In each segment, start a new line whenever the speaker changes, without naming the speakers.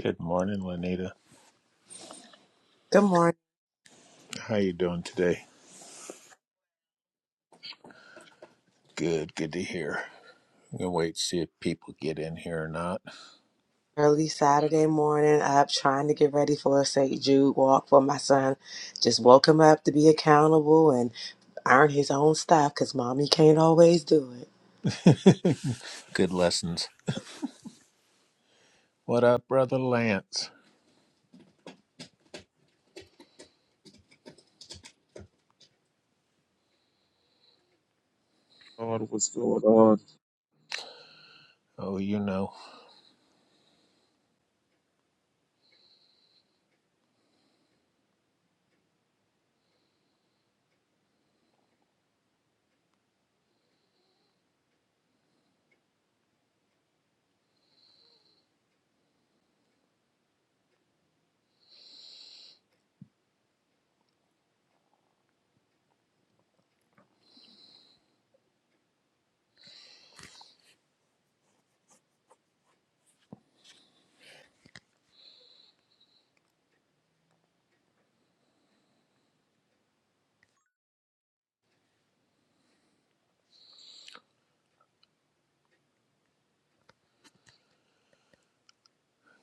Good morning, Lanita.
Good morning.
How you doing today? Good, good to hear. I'm gonna wait to see if people get in here or not.
Early Saturday morning, up trying to get ready for a St. Jude walk for my son. Just woke him up to be accountable and earn his own stuff because mommy can't always do it.
good lessons. What up, brother Lance?
Lord, what's going on?
Oh, you know.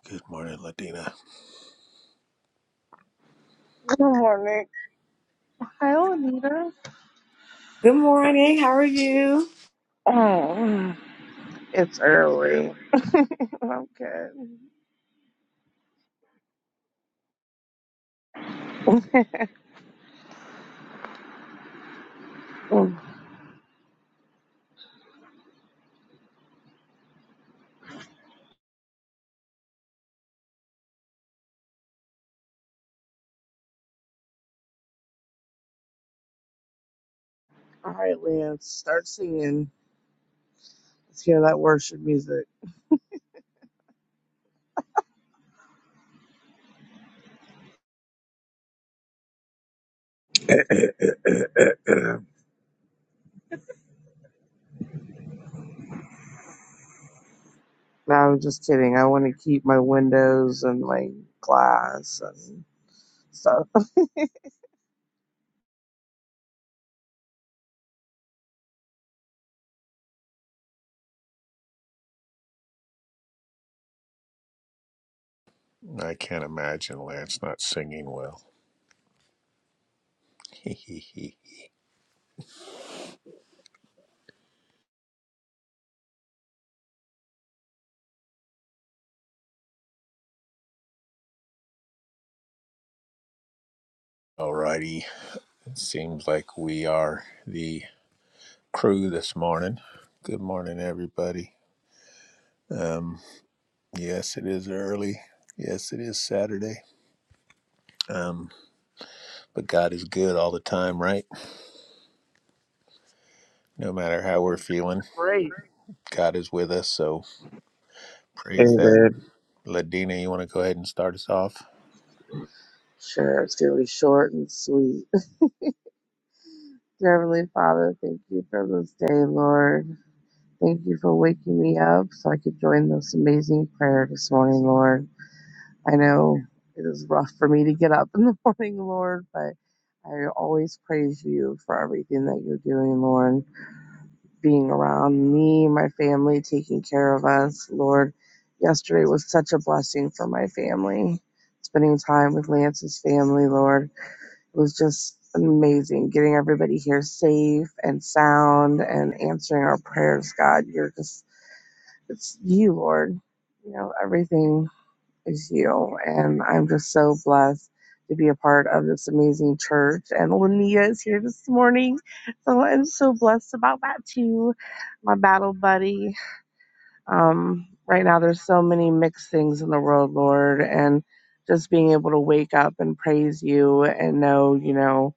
Good morning, Ladina.
Good morning. Hi, Anita.
Good morning. How are you?
Oh, it's early. I'm good. All right, Leanne, start singing. Let's hear that worship music.
And
No, I'm just kidding. I want to keep my windows and my glass and stuff.
I can't imagine Lance not singing well. Alrighty. It seems like we are the crew this morning. Good morning, everybody. Um, yes, it is early. Yes, it is Saturday. Um, but God is good all the time, right? No matter how we're feeling,
Great.
God is with us. So praise that.
Amen.
Ladina, you want to go ahead and start us off?
Sure, it's going to be short and sweet. Dear Heavenly Father, thank you for this day, Lord. Thank you for waking me up so I could join this amazing prayer this morning, Lord. I know it is rough for me to get up in the morning, Lord, but I always praise you for everything that you're doing, Lord. Being around me, my family, taking care of us, Lord. Yesterday was such a blessing for my family. Spending time with Lance's family, Lord. It was just amazing getting everybody here safe and sound and answering our prayers, God. You're just, it's you, Lord. You know, everything is you. And I'm just so blessed to be a part of this amazing church. And Linnea is here this morning. So I'm so blessed about that too. My battle buddy. Um, right now there's so many mixed things in the world, Lord, and just being able to wake up and praise you and know, you know,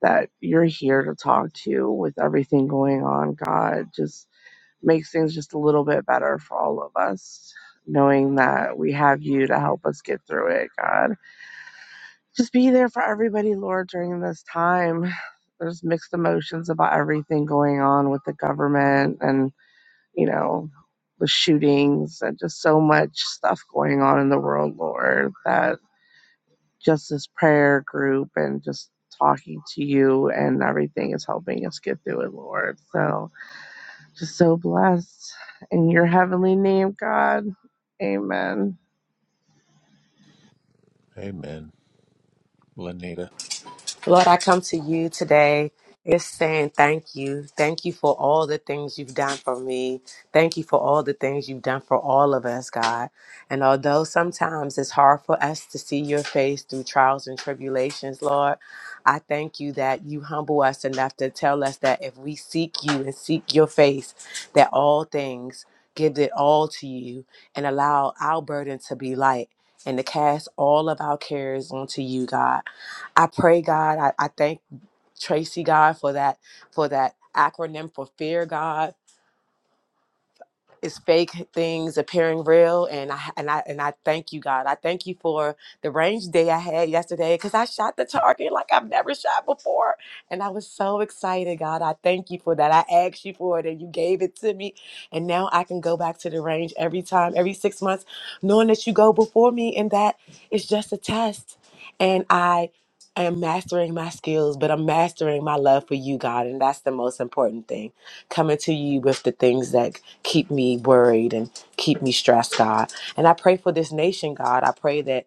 that you're here to talk to with everything going on, God. Just makes things just a little bit better for all of us, knowing that we have you to help us get through it, God. Just be there for everybody, Lord, during this time. There's mixed emotions about everything going on with the government and, you know, the shootings and just so much stuff going on in the world, Lord, that just this prayer group and just talking to you and everything is helping us get through it, Lord. So, just so blessed. In your heavenly name, God. Amen.
Amen. Lanita.
Lord, I come to you today just saying thank you. Thank you for all the things you've done for me. Thank you for all the things you've done for all of us, God. And although sometimes it's hard for us to see your face through trials and tribulations, Lord, I thank you that you humble us enough to tell us that if we seek you and seek your face, that all things give it all to you and allow our burden to be light and to cast all of our cares onto you, God. I pray, God. I, I thank Tracy, God, for that for that acronym for fear, God it's fake things appearing real and I and I and I thank you God. I thank you for the range day I had yesterday cuz I shot the target like I've never shot before and I was so excited, God. I thank you for that. I asked you for it and you gave it to me and now I can go back to the range every time, every 6 months knowing that you go before me and that it's just a test. And I am mastering my skills, but I'm mastering my love for you, God, and that's the most important thing coming to you with the things that keep me worried and keep me stressed, God. And I pray for this nation, God. I pray that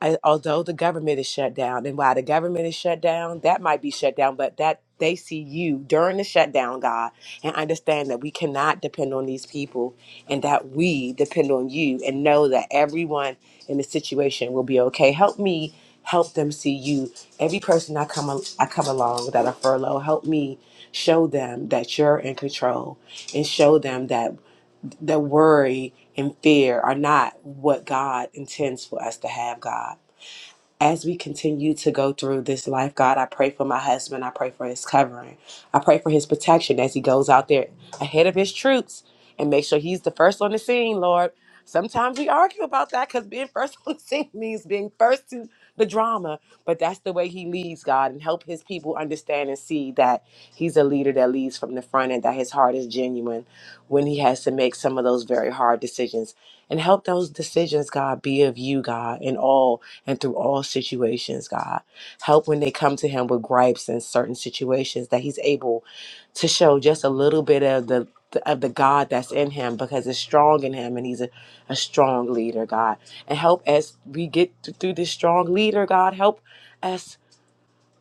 I, although the government is shut down and while the government is shut down that might be shut down but that they see you during the shutdown god and understand that we cannot depend on these people and that we depend on you and know that everyone in the situation will be okay help me help them see you every person i come al- i come along that are furloughed help me show them that you're in control and show them that the worry and fear are not what god intends for us to have god as we continue to go through this life, God, I pray for my husband. I pray for his covering. I pray for his protection as he goes out there ahead of his troops and make sure he's the first on the scene, Lord. Sometimes we argue about that because being first on the scene means being first to the drama, but that's the way he leads, God, and help his people understand and see that he's a leader that leads from the front and that his heart is genuine when he has to make some of those very hard decisions. And help those decisions, God, be of you, God, in all and through all situations, God. Help when they come to Him with gripes in certain situations that He's able to show just a little bit of the of the God that's in him because it's strong in him and he's a, a strong leader, God. And help as we get th- through this strong leader, God, help us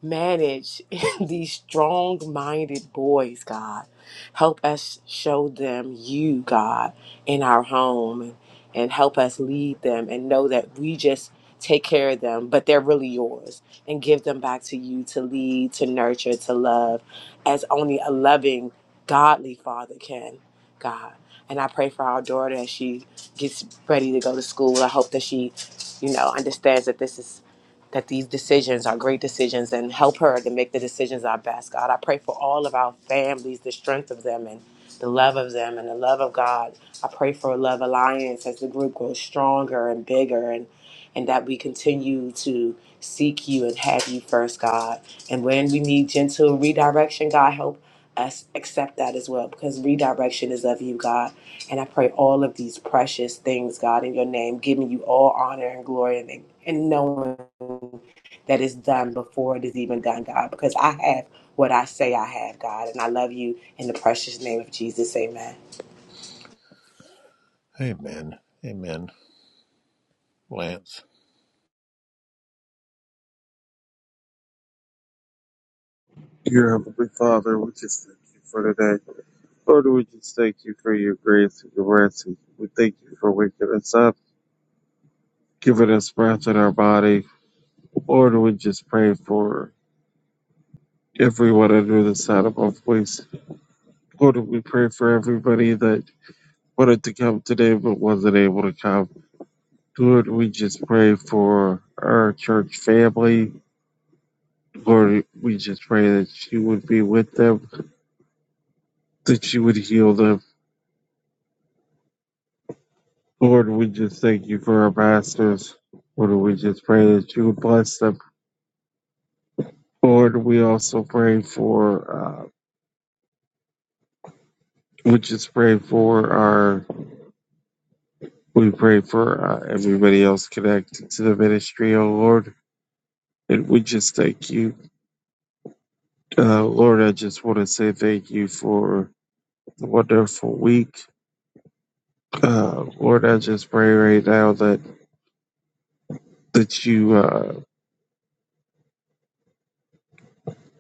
manage these strong minded boys, God. Help us show them you, God, in our home and, and help us lead them and know that we just take care of them, but they're really yours and give them back to you to lead, to nurture, to love as only a loving, godly father can, God. And I pray for our daughter as she gets ready to go to school. I hope that she, you know, understands that this is that these decisions are great decisions and help her to make the decisions our best. God, I pray for all of our families, the strength of them and the love of them and the love of God. I pray for a love alliance as the group grows stronger and bigger and and that we continue to seek you and have you first, God. And when we need gentle redirection, God, help us accept that as well because redirection is of you, God. And I pray all of these precious things, God, in your name, giving you all honor and glory and, and knowing that it's done before it is even done, God, because I have what I say I have, God. And I love you in the precious name of Jesus. Amen.
Amen. Amen. Lance.
Dear Heavenly Father, we just thank you for today. Lord, we just thank you for your grace and your mercy. We thank you for waking us up, giving us breath in our body. Lord, we just pray for everyone under the sound of our voice. Lord, we pray for everybody that wanted to come today but wasn't able to come. Lord, we just pray for our church family. Lord, we just pray that you would be with them, that you would heal them Lord, we just thank you for our pastors. Lord, we just pray that you would bless them. Lord, we also pray for, uh, we just pray for our, we pray for uh, everybody else connected to the ministry, oh Lord. And we just thank you. Uh, Lord, I just want to say thank you for the wonderful week. Uh, Lord, I just pray right now that, that you, uh,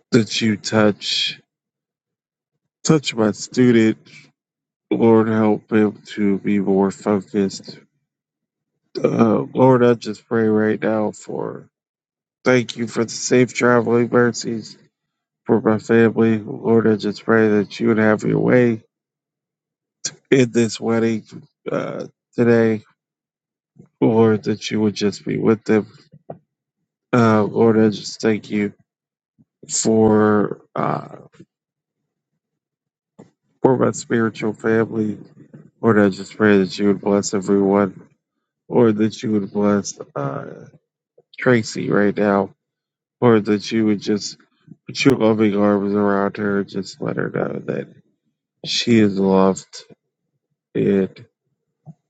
that you touch, touch my student Lord, help him to be more focused. Uh, Lord, I just pray right now for thank you for the safe traveling mercies for my family. Lord, I just pray that you would have your way in this wedding uh, today. Lord, that you would just be with them. Uh, Lord, I just thank you for uh, for my spiritual family. Lord, I just pray that you would bless everyone. Lord, that you would bless uh, Tracy right now. or that you would just put your loving arms around her and just let her know that she is loved. And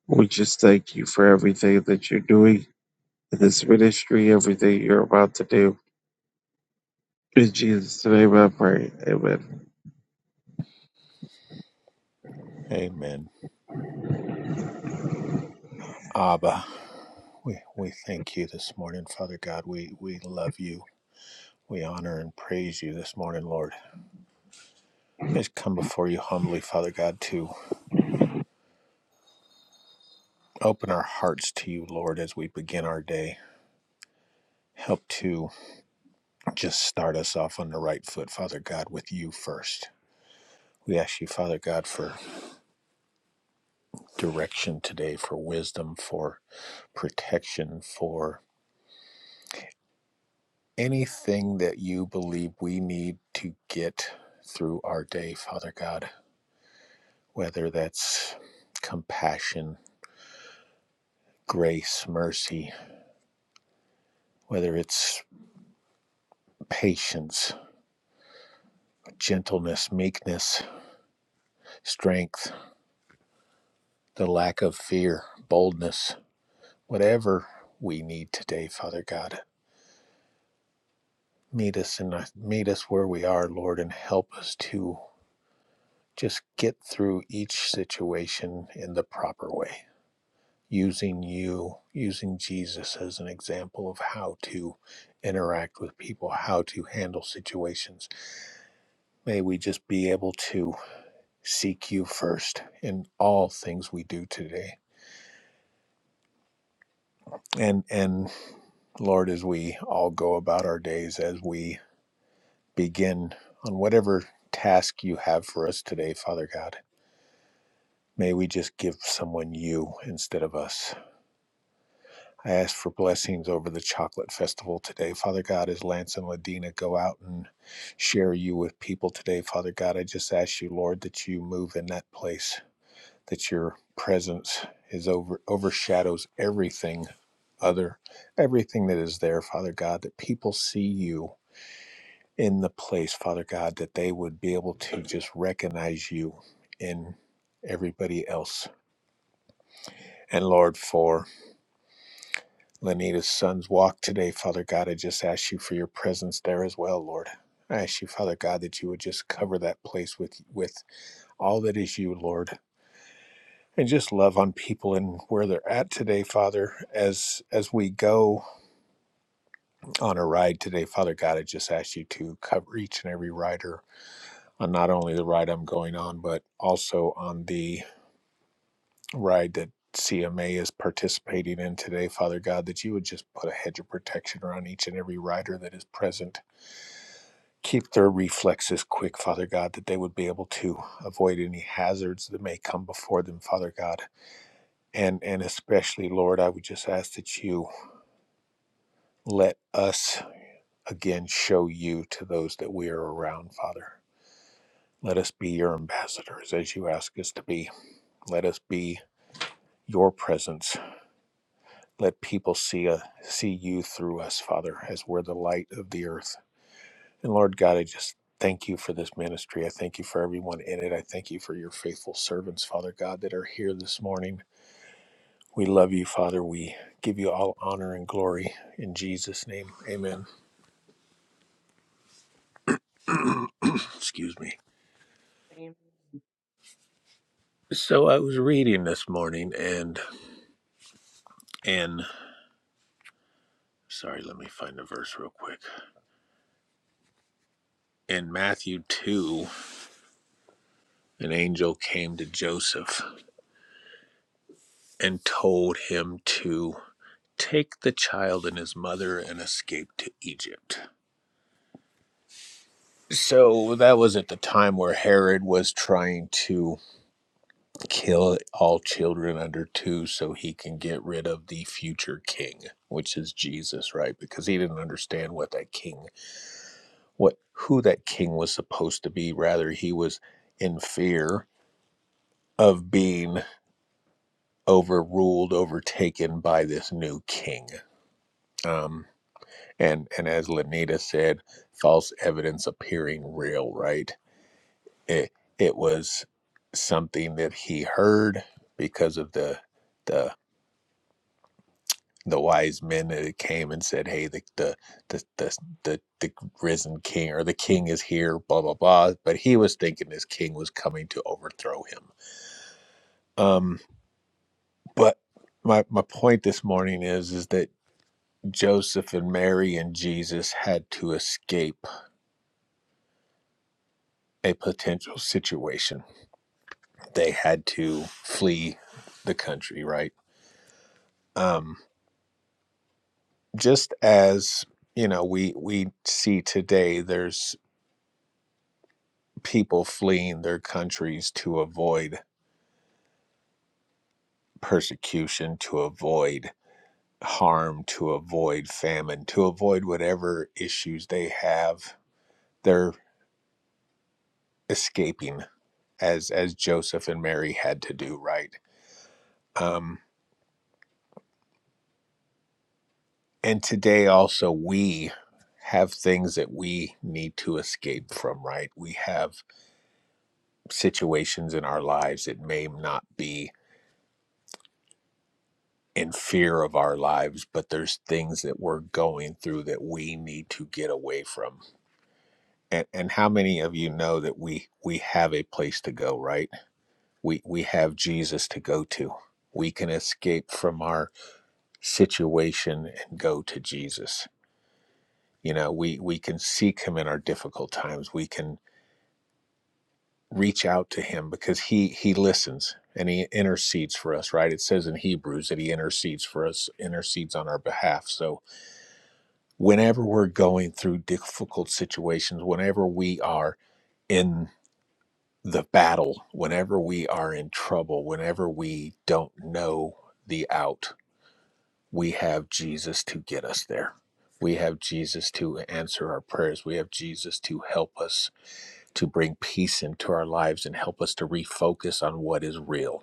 we just thank you for everything that you're doing in this ministry, everything you're about to do. In Jesus' name I pray. Amen.
Amen. Abba, we, we thank you this morning, Father God. We, we love you. We honor and praise you this morning, Lord. We just come before you humbly, Father God, to open our hearts to you, Lord, as we begin our day. Help to just start us off on the right foot, Father God, with you first. We ask you, Father God, for direction today for wisdom, for protection, for anything that you believe we need to get through our day, Father God, whether that's compassion, grace, mercy, whether it's patience, gentleness, meekness, strength, the lack of fear, boldness, whatever we need today, Father God. Meet us in meet us where we are, Lord, and help us to Just get through each situation in the proper way, using you, using Jesus as an example of how to interact with people, how to handle situations. May we just be able to seek you first in all things we do today. And and Lord, as we all go about our days, as we begin on whatever task you have for us today, Father God, may we just give someone you instead of us I ask for blessings over the chocolate festival today. Father God, as Lance and Ladina go out and share you with people today, Father God, I just ask you, Lord, that you move in that place, that your presence is over overshadows everything other, everything that is there, Father God, that people see you in the place, Father God, that they would be able to just recognize you in everybody else. And Lord, for Lanita's son's walk today, Father God. I just ask you for your presence there as well, Lord. I ask you, Father God, that you would just cover that place with with all that is you, Lord. And just love on people and where they're at today, Father. As as we go on a ride today, Father God, I just ask you to cover each and every rider on not only the ride I'm going on, but also on the ride that CMA is participating in today, Father God, that you would just put a hedge of protection around each and every rider that is present Keep their reflexes quick, Father God, that they would be able to avoid any hazards that may come before them, Father God. And and especially, Lord, I would just ask that you let us again show you to those that we are around, Father. Let us be your ambassadors as you ask us to be. Let us be your presence. Let people see a, see you through us, Father, as we're the light of the earth. And Lord God, I just thank you for this ministry. I thank you for everyone in it. I thank you for your faithful servants, Father God, that are here this morning. We love you, Father. We give you all honor and glory in Jesus' name. Amen. Excuse me.
Amen.
So I was reading this morning and in sorry, let me find the verse real quick. In Matthew 2, an angel came to Joseph and told him to take the child and his mother and escape to Egypt So that was at the time where Herod was trying to kill all children under two so he can get rid of the future king, which is Jesus, right? Because he didn't understand what that king, what who that king was supposed to be. Rather, he was in fear of being overruled, overtaken by this new king. Um, and and as Lenita said, false evidence appearing real, right? It, it was something that he heard because of the the the wise men that came and said, "Hey, the the the the, the, the risen king or the king is here." Blah blah blah. But he was thinking this king was coming to overthrow him. Um, but my my point this morning is is that Joseph and Mary and Jesus had to escape a potential situation. They had to flee the country, right? Um, just as you know we we see today there's people fleeing their countries to avoid persecution to avoid harm to avoid famine to avoid whatever issues they have they're escaping as as joseph and mary had to do right um and today also we have things that we need to escape from right we have situations in our lives it may not be and fear of our lives, but there's things that we're going through that we need to get away from. And, and how many of you know that we we have a place to go, right? We we have Jesus to go to. We can escape from our situation and go to Jesus. You know, we we can seek him in our difficult times. We can reach out to him because he he listens and he intercedes for us, right? It says in Hebrews that he intercedes for us, intercedes on our behalf. So whenever we're going through difficult situations, whenever we are in the battle, whenever we are in trouble, whenever we don't know the out, we have Jesus to get us there. We have Jesus to answer our prayers. We have Jesus to help us to bring peace into our lives and help us to refocus on what is real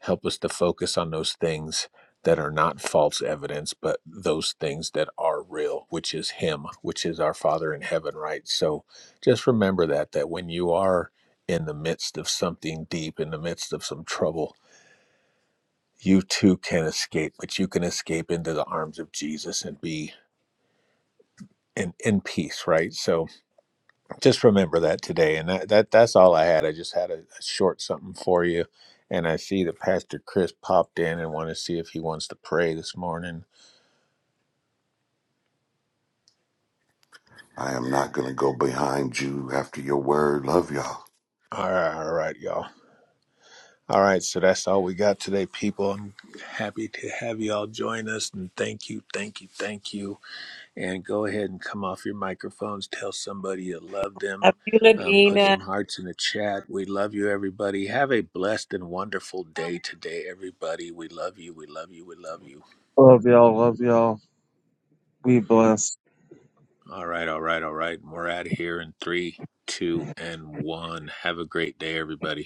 Help us to focus on those things that are not false evidence, but those things that are real, which is Him, which is our Father in heaven, right? So just remember that, that when you are in the midst of something deep, in the midst of some trouble, you too can escape, but you can escape into the arms of Jesus and be in, in peace, right? So, just remember that today and that, that that's all i had i just had a, a short something for you and i see that pastor chris popped in and want to see if he wants to pray this morning
I am not going to go behind you after your word. Love y'all.
all right all right y'all all right so that's all we got today people i'm happy to have y'all join us and thank you thank you thank you and go ahead and come off your microphones tell somebody you love them
Love you,
um, put
Ladina.
some hearts in the chat. We love you, everybody. Have a blessed and wonderful day today, everybody. We love you. We love you. We love you
Love y'all. Love y'all. Be blessed.
All right, all right, all right. We're out of here in three, two, and one. Have a great day, everybody.